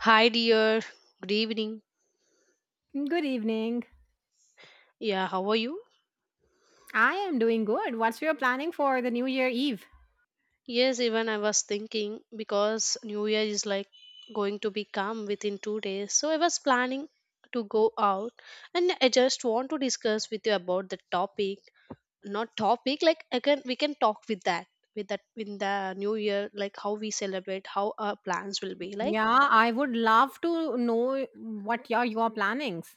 Hi, dear. Good evening. Good evening. Yeah, how are you? I am doing good. What's your planning for the New Year Eve? Yes, even I was thinking because New Year is like going to be come within 2 days. So I was planning to go out and I just want to discuss with you about the topic. Not topic, like I can we can talk with that in the new year, like how we celebrate, how our plans will be like. Yeah, I would love to know what your plannings.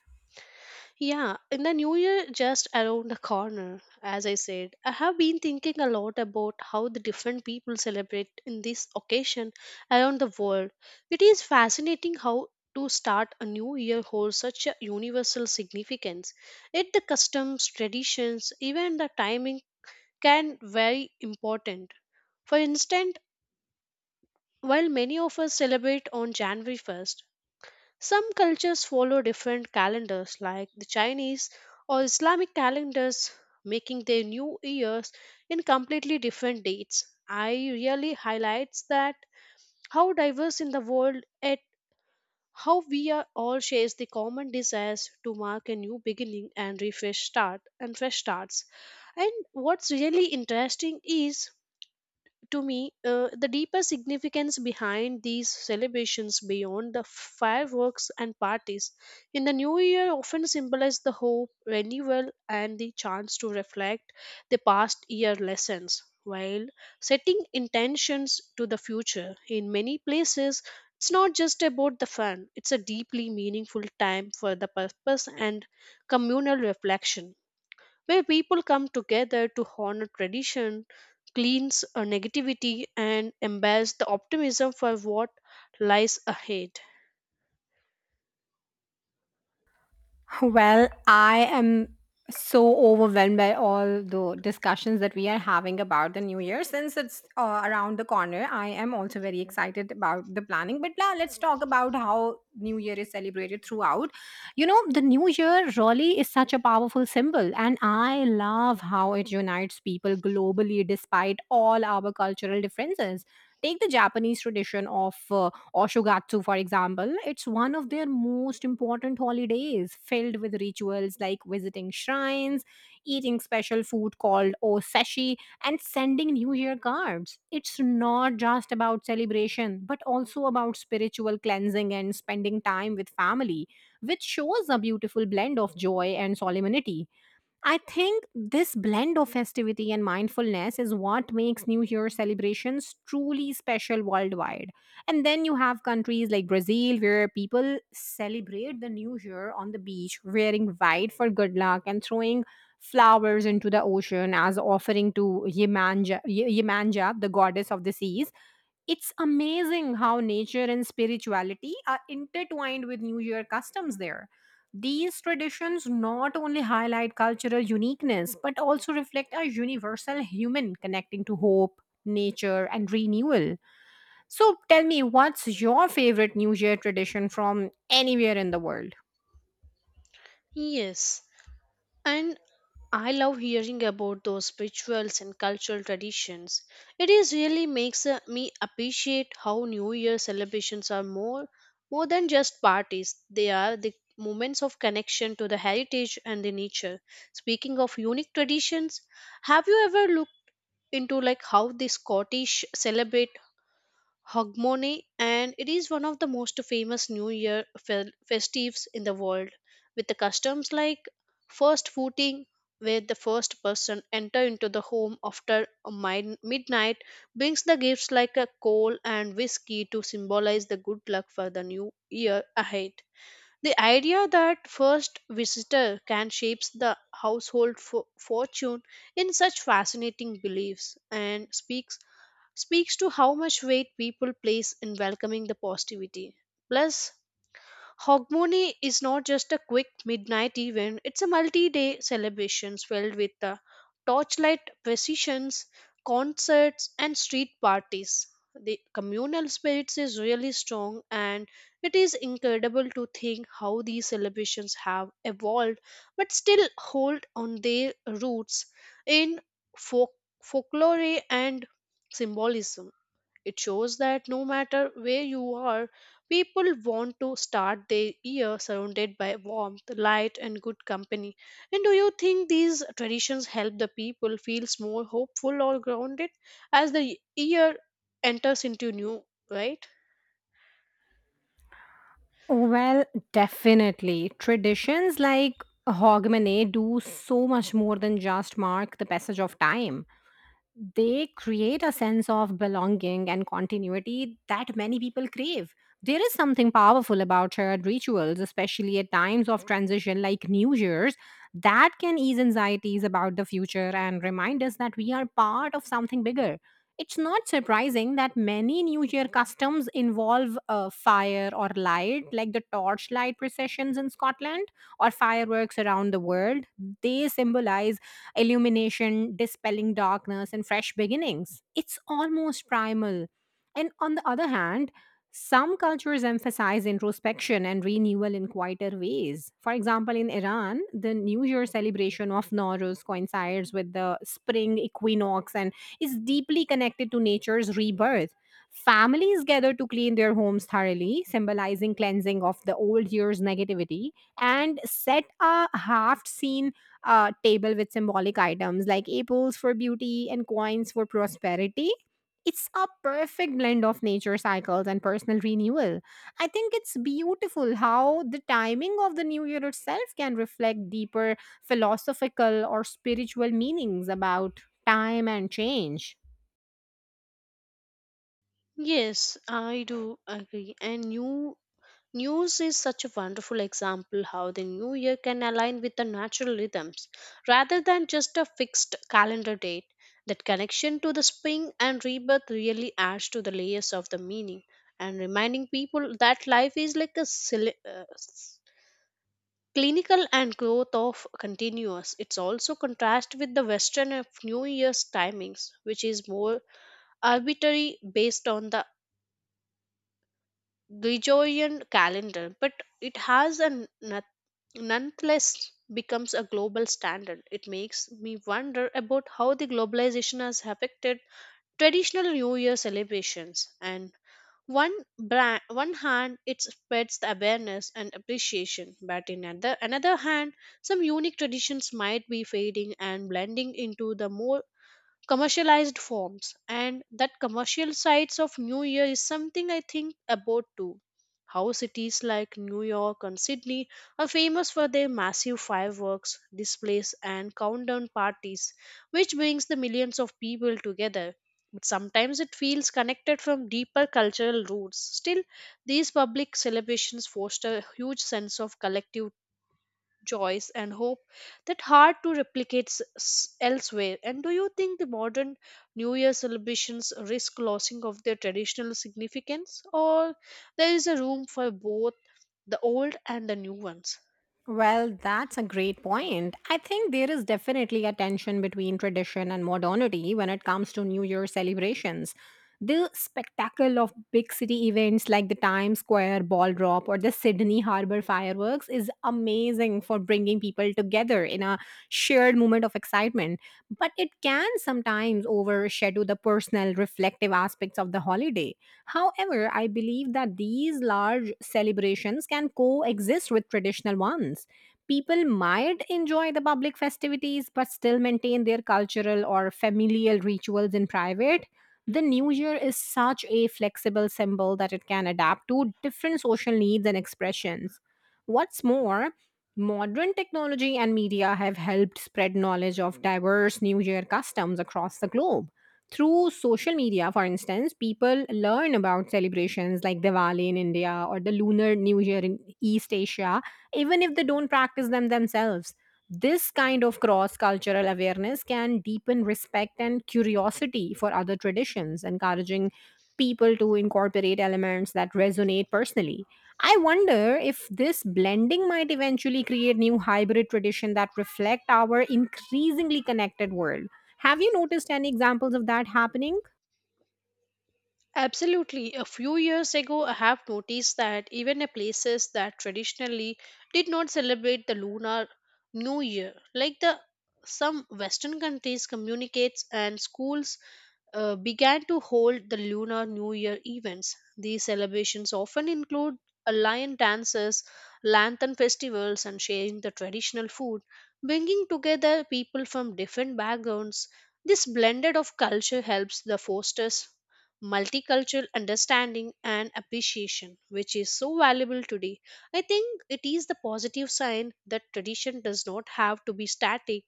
Yeah, in the new year just around the corner, as I said, I have been thinking a lot about how the different people celebrate in this occasion around the world. It is fascinating how to start a new year holds such a universal significance. Yet the customs, traditions, even the timing can vary important. For instance, while many of us celebrate on January 1st, some cultures follow different calendars, like the Chinese or Islamic calendars, making their new years in completely different dates. I really highlights that how diverse in the world at how we are all shares the common desires to mark a new beginning and refresh start and fresh starts. And what's really interesting is to me, the deeper significance behind these celebrations beyond the fireworks and parties. In the new year, often symbolize the hope, renewal, and the chance to reflect the past year lessons while setting intentions to the future. In many places, it's not just about the fun, it's a deeply meaningful time for the purpose and communal reflection where people come together to honor tradition, cleanse negativity, and embrace the optimism for what lies ahead. Well, I am so overwhelmed by all the discussions that we are having about the new year since it's around the corner. I am also very excited about the planning, but now let's talk about how new year is celebrated throughout. You know, the new year really is such a powerful symbol and I love how it unites people globally despite all our cultural differences. Take the Japanese tradition of Oshogatsu, for example. It's one of their most important holidays, filled with rituals like visiting shrines, eating special food called oseshi, and sending New Year cards. It's not just about celebration, but also about spiritual cleansing and spending time with family, which shows a beautiful blend of joy and solemnity. I think this blend of festivity and mindfulness is what makes New Year celebrations truly special worldwide. And then you have countries like Brazil where people celebrate the New Year on the beach, wearing white for good luck and throwing flowers into the ocean as offering to Yemanja, Yemanja the goddess of the seas. It's amazing how nature and spirituality are intertwined with New Year customs there. These traditions not only highlight cultural uniqueness but also reflect a universal human connecting to hope, nature, and renewal. So tell me, what's your favorite New Year tradition from anywhere in the world? Yes, and I love hearing about those rituals and cultural traditions. It is really makes me appreciate how New Year celebrations are more than just parties. They are the moments of connection to the heritage and the nature. Speaking of unique traditions, have you ever looked into like how the Scottish celebrate Hogmanay, and it is one of the most famous New Year festives in the world, with the customs like first footing, where the first person enter into the home after a midnight brings the gifts like a coal and whiskey to symbolize the good luck for the new year ahead. The idea that first visitor can shape the household fortune in such fascinating beliefs and speaks to how much weight people place in welcoming the positivity. Plus, Hogmanay is not just a quick midnight event, it's a multi day celebration filled with torchlight processions, concerts, and street parties. The communal spirit is really strong, and it is incredible to think how these celebrations have evolved but still hold on their roots in folk- folklore and symbolism. It shows that no matter where you are, people want to start their year surrounded by warmth, light, and good company. And do you think these traditions help the people feels more hopeful or grounded as the year enters into new, right? Well, definitely. Traditions like Hogmanay do so much more than just mark the passage of time. They create a sense of belonging and continuity that many people crave. There is something powerful about shared rituals, especially at times of transition like New Year's, that can ease anxieties about the future and remind us that we are part of something bigger. It's not surprising that many New Year customs involve fire or light, like the torchlight processions in Scotland or fireworks around the world. They symbolize illumination, dispelling darkness, and fresh beginnings. It's almost primal. And on the other hand, some cultures emphasize introspection and renewal in quieter ways. For example, in Iran, the New Year celebration of Nowruz coincides with the spring equinox and is deeply connected to nature's rebirth. Families gather to clean their homes thoroughly, symbolizing cleansing of the old year's negativity, and set a half seen table with symbolic items like apples for beauty and coins for prosperity. It's a perfect blend of nature cycles and personal renewal. I think it's beautiful how the timing of the new year itself can reflect deeper philosophical or spiritual meanings about time and change. Yes, I do agree. And new. News is such a wonderful example how the new year can align with the natural rhythms rather than just a fixed calendar date. That connection to the spring and rebirth really adds to the layers of the meaning and reminding people that life is like a clinical and growth of continuous. It's also contrast with the western of New Year's timings, which is more arbitrary based on the Gregorian calendar, but it has an nonetheless becomes a global standard. It makes me wonder about how the globalization has affected traditional New Year celebrations. And one brand, one hand, it spreads the awareness and appreciation, but in another hand, some unique traditions might be fading and blending into the more commercialized forms, and that commercial sides of new year is something I think about too. How cities like New York and Sydney are famous for their massive fireworks displays and countdown parties, which brings the millions of people together, but sometimes it feels connected from deeper cultural roots. Still, these public celebrations foster a huge sense of collective joys and hope that hard to replicate elsewhere. And do you think the modern new year celebrations risk losing of their traditional significance or there is a room for both the old and the new ones? Well, that's a great point. I think there is definitely a tension between tradition and modernity when it comes to New Year celebrations. The spectacle of big city events like the Times Square ball drop or the Sydney Harbour fireworks is amazing for bringing people together in a shared moment of excitement. But it can sometimes overshadow the personal, reflective aspects of the holiday. However, I believe that these large celebrations can coexist with traditional ones. People might enjoy the public festivities but still maintain their cultural or familial rituals in private. The new year is such a flexible symbol that it can adapt to different social needs and expressions. What's more, modern technology and media have helped spread knowledge of diverse new year customs across the globe through social media. For instance, people learn about celebrations like Diwali in India or the Lunar New Year in East Asia, even if they don't practice them themselves. This kind of cross cultural awareness can deepen respect and curiosity for other traditions, encouraging people to incorporate elements that resonate personally. I wonder if this blending might eventually create new hybrid tradition that reflect our increasingly connected world. Have you noticed any examples of that happening? Absolutely. A few years ago, I have noticed that even in places that traditionally did not celebrate the lunar new year, like the some Western countries, communicates and schools began to hold the Lunar New Year events. These celebrations often include a lion dances, lantern festivals, and sharing the traditional food, bringing together people from different backgrounds. This blended of culture helps the fosters multicultural understanding and appreciation, which is so valuable today. I think it is the positive sign that tradition does not have to be static.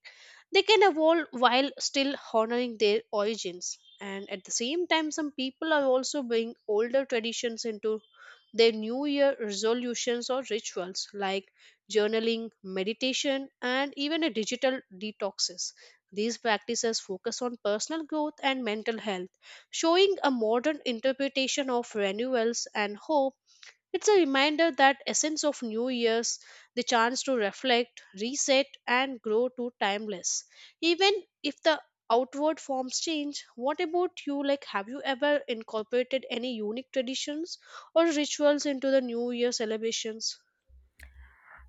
They can evolve while still honoring their origins. And at the same time, some people are also bringing older traditions into their New Year resolutions or rituals like journaling, meditation, and even a digital detoxes. These practices focus on personal growth and mental health, showing a modern interpretation of renewals and hope. It's a reminder that essence of New Year's, the chance to reflect, reset and grow to timeless. Even if the outward forms change, what about you, like have you ever incorporated any unique traditions or rituals into the New Year celebrations?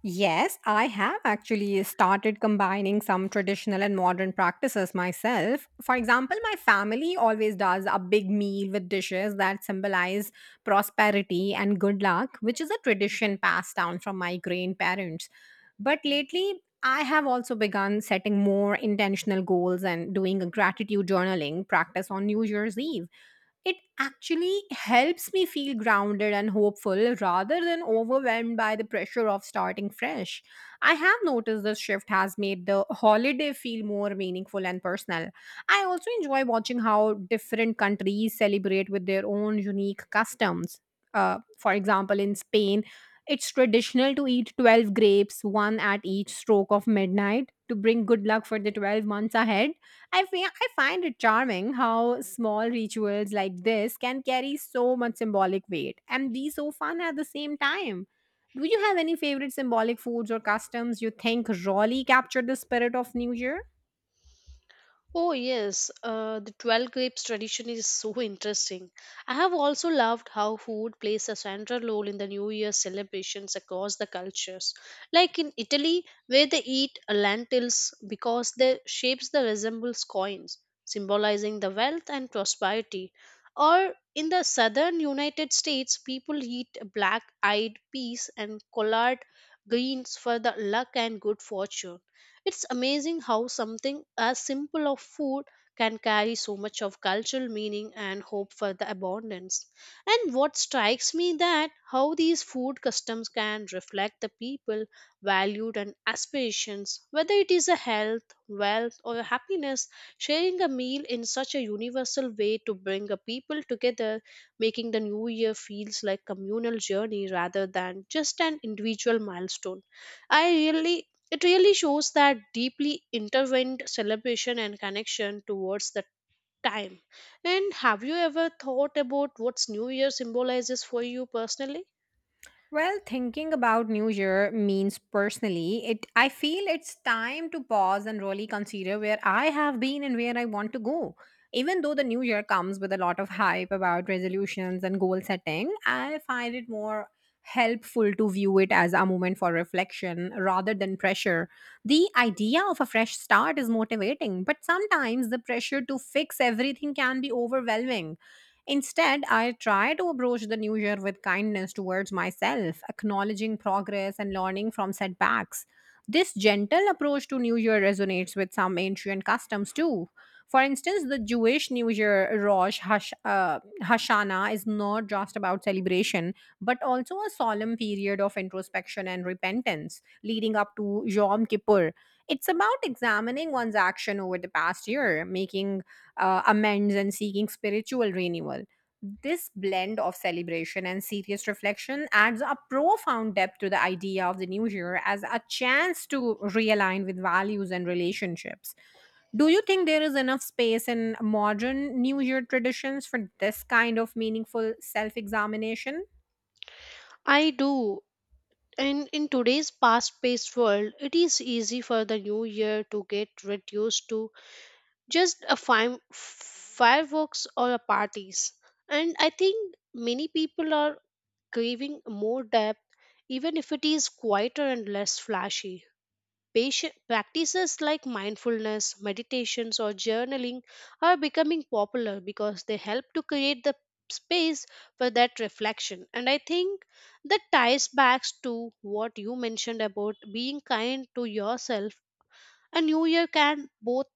Yes, I have actually started combining some traditional and modern practices myself. For example, my family always does a big meal with dishes that symbolize prosperity and good luck, which is a tradition passed down from my grandparents. But lately, I have also begun setting more intentional goals and doing a gratitude journaling practice on New Year's Eve. It actually helps me feel grounded and hopeful rather than overwhelmed by the pressure of starting fresh. I have noticed this shift has made the holiday feel more meaningful and personal. I also enjoy watching how different countries celebrate with their own unique customs. For example, in Spain, it's traditional to eat 12 grapes, one at each stroke of midnight, to bring good luck for the 12 months ahead. I find it charming how small rituals like this can carry so much symbolic weight and be so fun at the same time. Do you have any favorite symbolic foods or customs you think really capture the spirit of New Year? Oh, yes, the 12 grapes tradition is so interesting. I have also loved how food plays a central role in the New Year celebrations across the cultures. Like in Italy, where they eat lentils because their shapes that resembles coins, symbolizing the wealth and prosperity. Or in the southern United States, people eat black-eyed peas and collard greens for the luck and good fortune. It's amazing how something as simple of food can carry so much of cultural meaning and hope for the abundance. And what strikes me that how these food customs can reflect the people valued and aspirations, whether it is a health, wealth or happiness, sharing a meal in such a universal way to bring a people together, making the new year feels like communal journey rather than just an individual milestone. I really It really shows that deeply intertwined celebration and connection towards the time. And have you ever thought about what's New Year symbolizes for you personally? Well, thinking about New Year means personally, it I feel it's time to pause and really consider where I have been and where I want to go. Even though the new year comes with a lot of hype about resolutions and goal setting, I find it more helpful to view it as a moment for reflection rather than pressure. The idea of a fresh start is motivating, but sometimes the pressure to fix everything can be overwhelming. Instead, I try to approach the new year with kindness towards myself, acknowledging progress and learning from setbacks. This gentle approach to New Year resonates with some ancient customs too. For instance, the Jewish New Year Hashanah is not just about celebration, but also a solemn period of introspection and repentance, leading up to Yom Kippur. It's about examining one's action over the past year, making amends and seeking spiritual renewal. This blend of celebration and serious reflection adds a profound depth to the idea of the new year as a chance to realign with values and relationships. Do you think there is enough space in modern New Year traditions for this kind of meaningful self examination? I do. And in today's fast paced world, it is easy for the new year to get reduced to just a fireworks or a parties. And I think many people are craving more depth, even if it is quieter and less flashy. Patient practices like mindfulness, meditations, or journaling are becoming popular because they help to create the space for that reflection. And I think that ties back to what you mentioned about being kind to yourself. A new year can both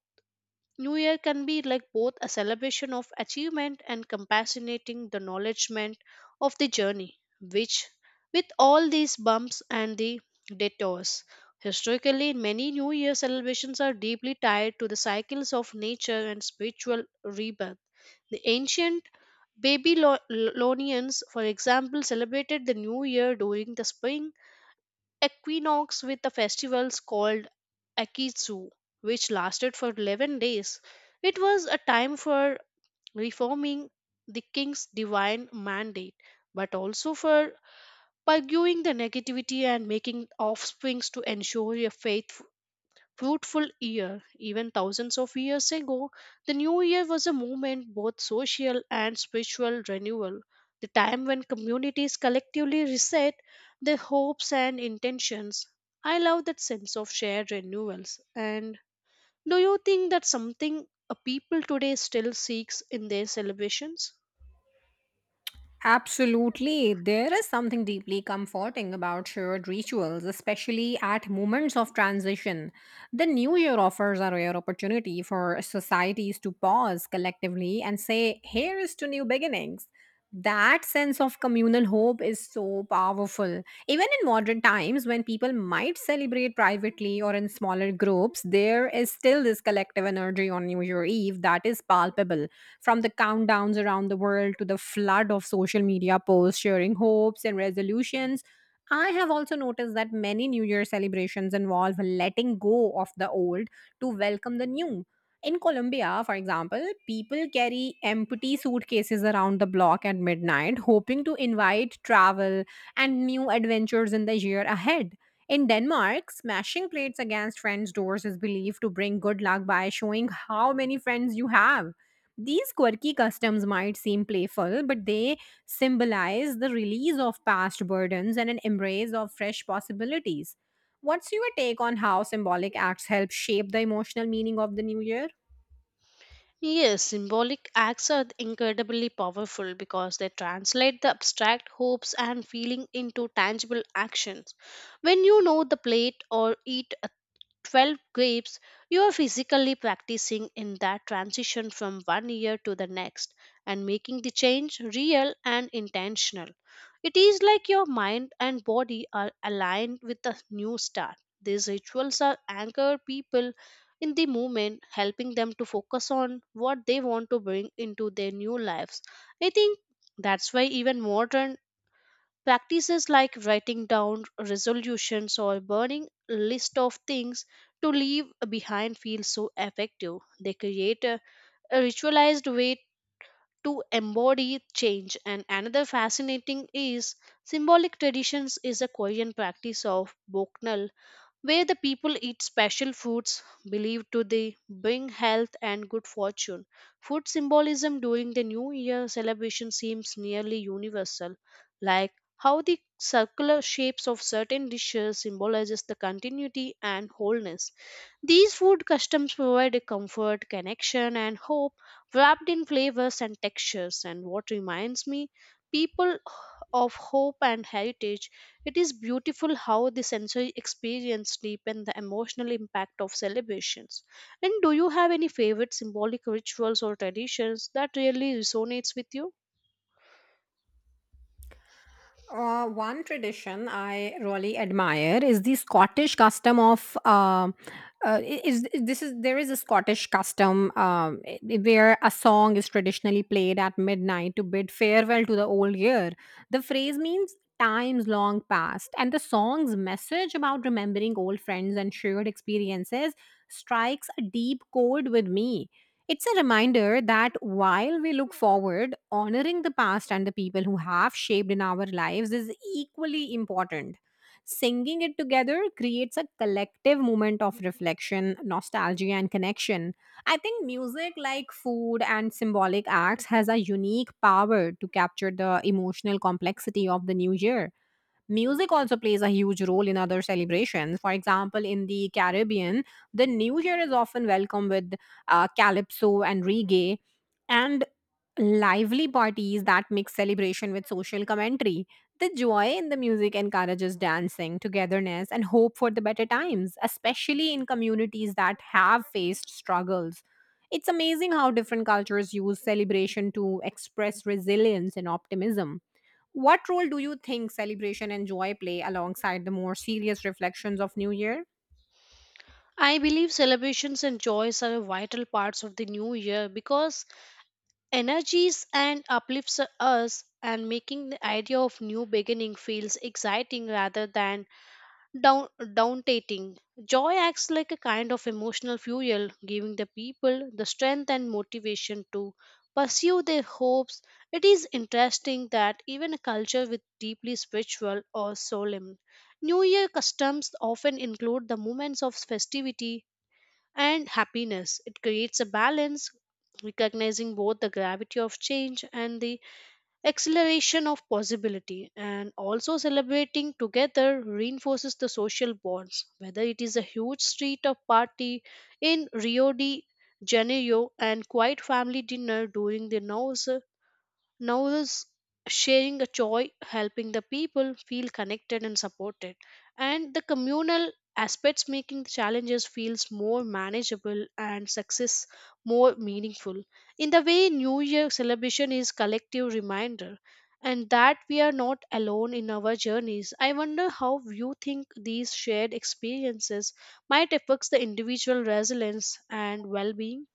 New Year can be like both a celebration of achievement and compassionating the acknowledgement of the journey, which, with all these bumps and the detours, historically many New Year celebrations are deeply tied to the cycles of nature and spiritual rebirth. The ancient Babylonians, for example, celebrated the New Year during the spring equinox with the festivals called Akitsu, which lasted for 11 days. It was a time for reforming the king's divine mandate, but also for purging the negativity and making offsprings to ensure a faithful fruitful year. Even thousands of years ago, the new year was a movement both social and spiritual renewal, the time when communities collectively reset their hopes and intentions. I love that sense of shared renewals. And do you think that something a people today still seeks in their celebrations? Absolutely. There is something deeply comforting about shared rituals, especially at moments of transition. The new year offers a rare opportunity for societies to pause collectively and say, Here is to new beginnings. That sense of communal hope is so powerful. Even in modern times, when people might celebrate privately or in smaller groups, there is still this collective energy on New Year Eve that is palpable from the countdowns around the world to the flood of social media posts sharing hopes and resolutions. I have also noticed that many New Year celebrations involve letting go of the old to welcome the new. In Colombia, for example, people carry empty suitcases around the block at midnight, hoping to invite travel and new adventures in the year ahead. In Denmark, smashing plates against friends' doors is believed to bring good luck by showing how many friends you have. These quirky customs might seem playful, but they symbolize the release of past burdens and an embrace of fresh possibilities. What's your take on how symbolic acts help shape the emotional meaning of the new year? Yes, symbolic acts are incredibly powerful because they translate the abstract hopes and feeling into tangible actions. When you know the plate or eat 12 grapes, you are physically practicing in that transition from 1 year to the next and making the change real and intentional. It is like your mind and body are aligned with the new start. These rituals are anchor people in the moment, helping them to focus on what they want to bring into their new lives. I think that's why even modern practices like writing down resolutions or burning a list of things to leave behind feel so effective. They create a ritualized way to embody change. And another fascinating is symbolic traditions is a Korean practice of Boknal where the people eat special foods believed to they bring health and good fortune. Food symbolism during the New Year celebration seems nearly universal, like how the circular shapes of certain dishes symbolizes the continuity and wholeness. These food customs provide a comfort, connection, and hope wrapped in flavors and textures. And what reminds me, people of hope and heritage, it is beautiful how the sensory experience deepen the emotional impact of celebrations. And do you have any favorite symbolic rituals or traditions that really resonates with you? One tradition I really admire is the Scottish custom of I- is I- this is there is a Scottish custom where a song is traditionally played at midnight to bid farewell to the old year. The phrase means times long past, and the song's message about remembering old friends and shared experiences strikes a deep chord with me. It's a reminder that while we look forward, honoring the past and the people who have shaped in our lives is equally important. Singing it together creates a collective moment of reflection, nostalgia, and connection. I think music, like food and symbolic acts, has a unique power to capture the emotional complexity of the new year. Music also plays a huge role in other celebrations. For example, in the Caribbean, the New Year is often welcomed with calypso and reggae and lively parties that mix celebration with social commentary. The joy in the music encourages dancing, togetherness, and hope for the better times, especially in communities that have faced struggles. It's amazing how different cultures use celebration to express resilience and optimism. What role do you think celebration and joy play alongside the more serious reflections of New Year? I believe celebrations and joys are vital parts of the new year because energies and uplifts us and making the idea of new beginning feels exciting rather than down daunting joy acts like a kind of emotional fuel giving the people the strength and motivation to pursue their hopes. It is interesting that even a culture with deeply spiritual or solemn new year customs often include the moments of festivity and happiness. It creates a balance, recognizing both the gravity of change and the acceleration of possibility, and also celebrating together reinforces the social bonds, whether it is a huge street or party in Rio de Janeiro and quiet family dinner during the nose. Now is sharing a joy, helping the people feel connected and supported. And the communal aspects making the challenges feels more manageable and success more meaningful. In the way New Year celebration is collective reminder and that we are not alone in our journeys. I wonder how you think these shared experiences might affect the individual resilience and well-being.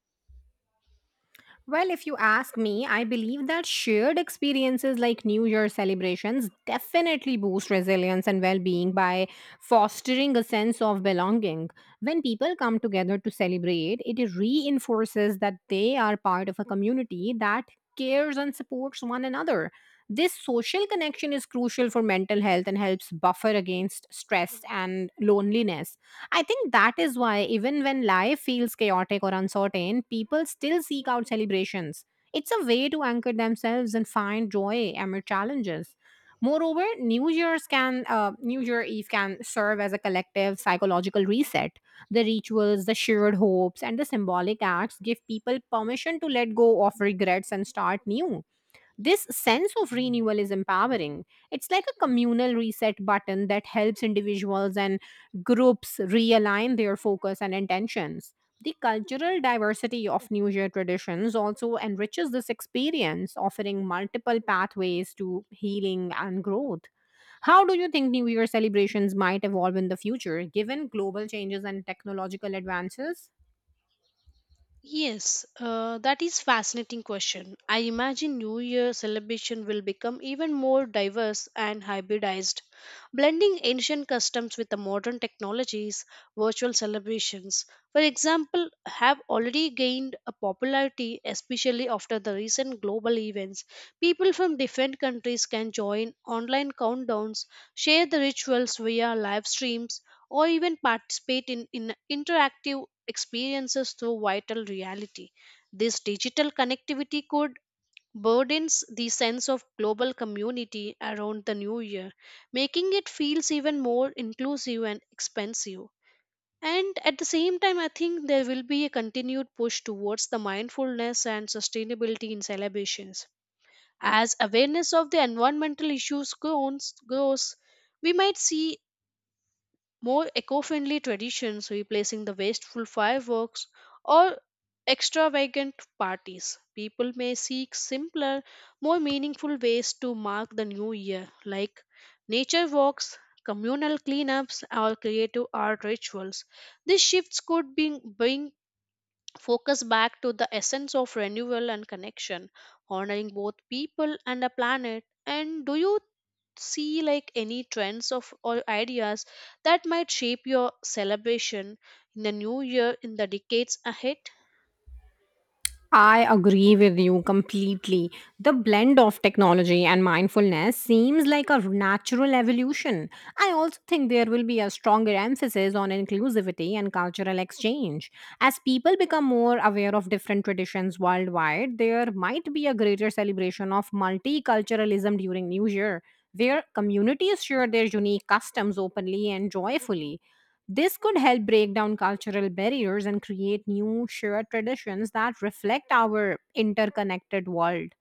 Well, if you ask me, I believe that shared experiences like New Year celebrations definitely boost resilience and well being by fostering a sense of belonging. When people come together to celebrate, it reinforces that they are part of a community that cares and supports one another. This social connection is crucial for mental health and helps buffer against stress and loneliness. I think that is why, even when life feels chaotic or uncertain, people still seek out celebrations. It's a way to anchor themselves and find joy amid challenges. Moreover, New Year Eve can serve as a collective psychological reset. The rituals, the shared hopes, and the symbolic acts give people permission to let go of regrets and start new. This sense of renewal is empowering. It's like a communal reset button that helps individuals and groups realign their focus and intentions. The cultural diversity of New Year traditions also enriches this experience, offering multiple pathways to healing and growth. How do you think New Year celebrations might evolve in the future, given global changes and technological advances? Yes, that is fascinating question. I imagine New Year celebration will become even more diverse and hybridized, blending ancient customs with the modern technologies. Virtual celebrations, for example, have already gained a popularity, especially after the recent global events. People from different countries can join online countdowns, share the rituals via live streams, or even participate in interactive experiences through vital reality. This digital connectivity could burdens the sense of global community around the new year, making it feels even more inclusive and expansive. And at the same time, I think there will be a continued push towards the mindfulness and sustainability in celebrations. As awareness of the environmental issues grows we might see more eco-friendly traditions replacing the wasteful fireworks or extravagant parties. People may seek simpler, more meaningful ways to mark the new year, like nature walks, communal cleanups, or creative art rituals. These shifts bring focus back to the essence of renewal and connection, honoring both people and the planet. And do you see like any trends of or ideas that might shape your celebration in the new year in the decades ahead? I agree with you completely. The blend of technology and mindfulness seems like a natural evolution. I also think there will be a stronger emphasis on inclusivity and cultural exchange. As people become more aware of different traditions worldwide, there might be a greater celebration of multiculturalism during New Year, where communities share their unique customs openly and joyfully. This could help break down cultural barriers and create new shared traditions that reflect our interconnected world.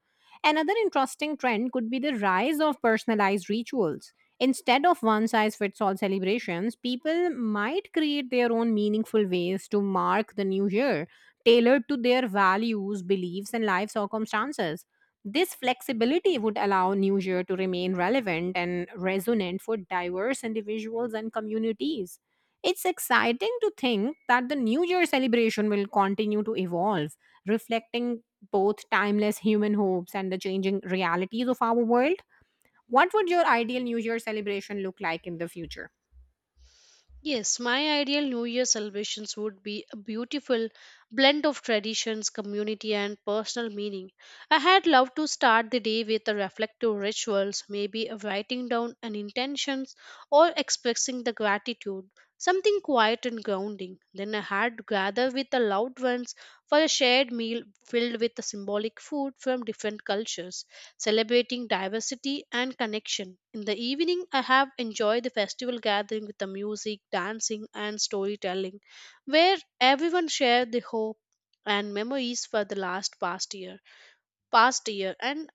Another interesting trend could be the rise of personalized rituals. Instead of one size fits all celebrations, people might create their own meaningful ways to mark the new year, tailored to their values, beliefs, and life circumstances. This flexibility would allow New Year to remain relevant and resonant for diverse individuals and communities. It's exciting to think that the New Year celebration will continue to evolve, reflecting both timeless human hopes and the changing realities of our world. What would your ideal New Year celebration look like in the future? Yes, my ideal New Year celebrations would be a beautiful blend of traditions, community, and personal meaning. I had loved to start the day with a reflective rituals, maybe a writing down an intentions or expressing the gratitude, something quiet and grounding. Then I had to gather with the loved ones for a shared meal filled with the symbolic food from different cultures celebrating diversity and connection. In the evening, I have enjoyed the festival gathering with the music, dancing, and storytelling, where everyone shared the hope and memories for the last past year. Past year, and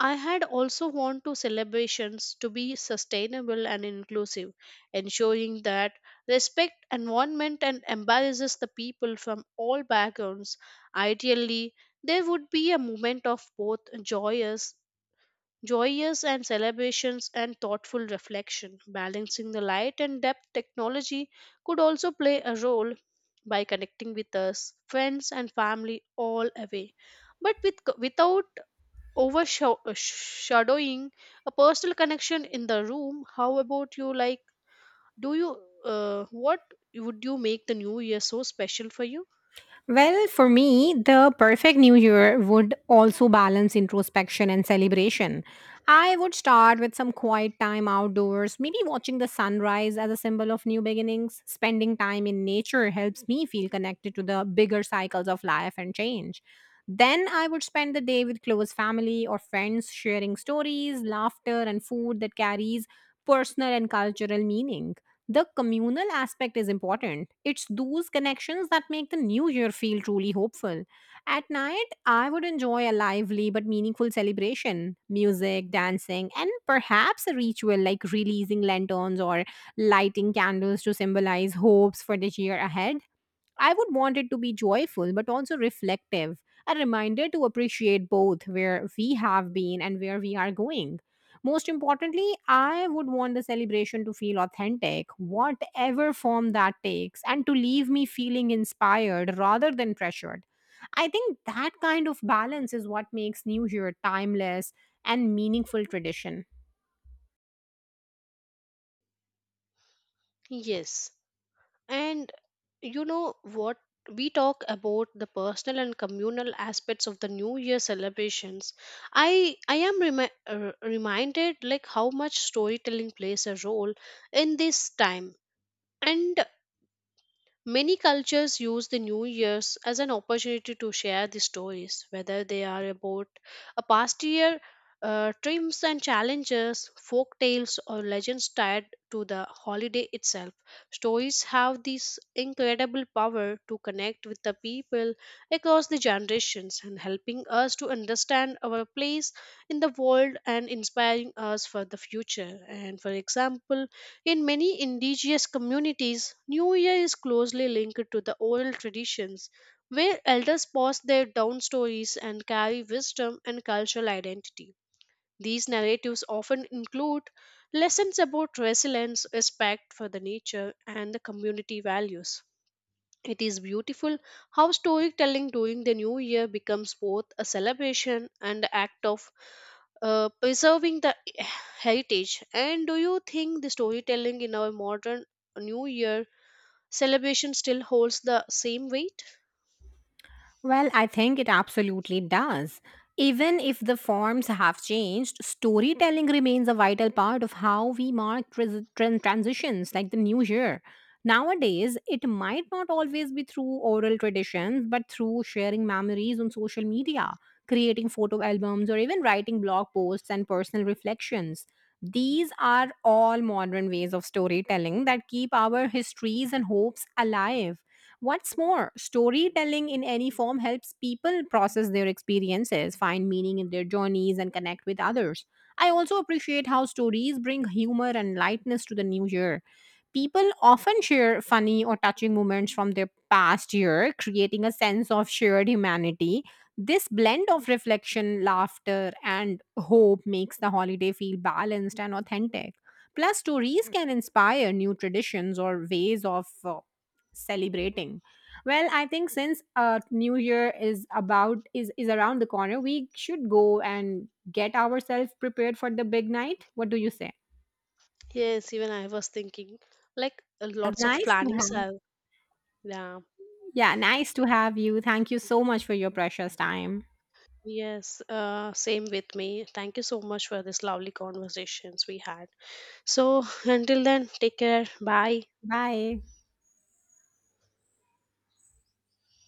I had also want to celebrations to be sustainable and inclusive, ensuring that respect environment and embarrasses the people from all backgrounds. Ideally, there would be a moment of both joyous and celebrations and thoughtful reflection. Balancing the light and depth technology could also play a role by connecting with us, friends and family all away. But without overshadowing a personal connection in the room, how about you? Like, do you, what would you make the new year so special for you? Well, for me, the perfect new year would also balance introspection and celebration. I would start with some quiet time outdoors, maybe watching the sunrise as a symbol of new beginnings. Spending time in nature helps me feel connected to the bigger cycles of life and change. Then I would spend the day with close family or friends, sharing stories, laughter, and food that carries personal and cultural meaning. The communal aspect is important. It's those connections that make the new year feel truly hopeful. At night, I would enjoy a lively but meaningful celebration music, dancing, and perhaps a ritual like releasing lanterns or lighting candles to symbolize hopes for the year ahead. I would want it to be joyful, but also reflective, a reminder to appreciate both where we have been and where we are going. Most importantly, I would want the celebration to feel authentic, whatever form that takes, and to leave me feeling inspired rather than pressured. I think that kind of balance is what makes New Year timeless and meaningful tradition. Yes. And you know what? We talk about the personal and communal aspects of the New Year celebrations. I am reminded like how much storytelling plays a role in this time. And many cultures use the New Year's as an opportunity to share the stories, whether they are about a past year, triumphs and challenges, folk tales, or legends tied to the holiday itself. Stories have this incredible power to connect with the people across the generations and helping us to understand our place in the world and inspiring us for the future. And for example, in many indigenous communities, New Year is closely linked to the oral traditions, where elders pass their down stories and carry wisdom and cultural identity. These narratives often include lessons about resilience, respect for the nature, and the community values. It is beautiful how storytelling during the new year becomes both a celebration and the act of preserving the heritage. And do you think the storytelling in our modern new year celebration still holds the same weight? Well, I think it absolutely does. Even if the forms have changed, storytelling remains a vital part of how we mark transitions like the new year. Nowadays, it might not always be through oral traditions, but through sharing memories on social media, creating photo albums, or even writing blog posts and personal reflections. These are all modern ways of storytelling that keep our histories and hopes alive. What's more, storytelling in any form helps people process their experiences, find meaning in their journeys, and connect with others. I also appreciate how stories bring humor and lightness to the new year. People often share funny or touching moments from their past year, creating a sense of shared humanity. This blend of reflection, laughter, and hope makes the holiday feel balanced and authentic. Plus, stories can inspire new traditions or ways of celebrating? Well, I think since New Year is about is around the corner, we should go and get ourselves prepared for the big night. What do you say? Yes, even I was thinking like lots of Nice to have. plannings are, yeah. Yeah, nice to have you. Thank you so much for your precious time. Yes, same with me. Thank you so much for this lovely conversations we had. So until then, take care. Bye. Bye.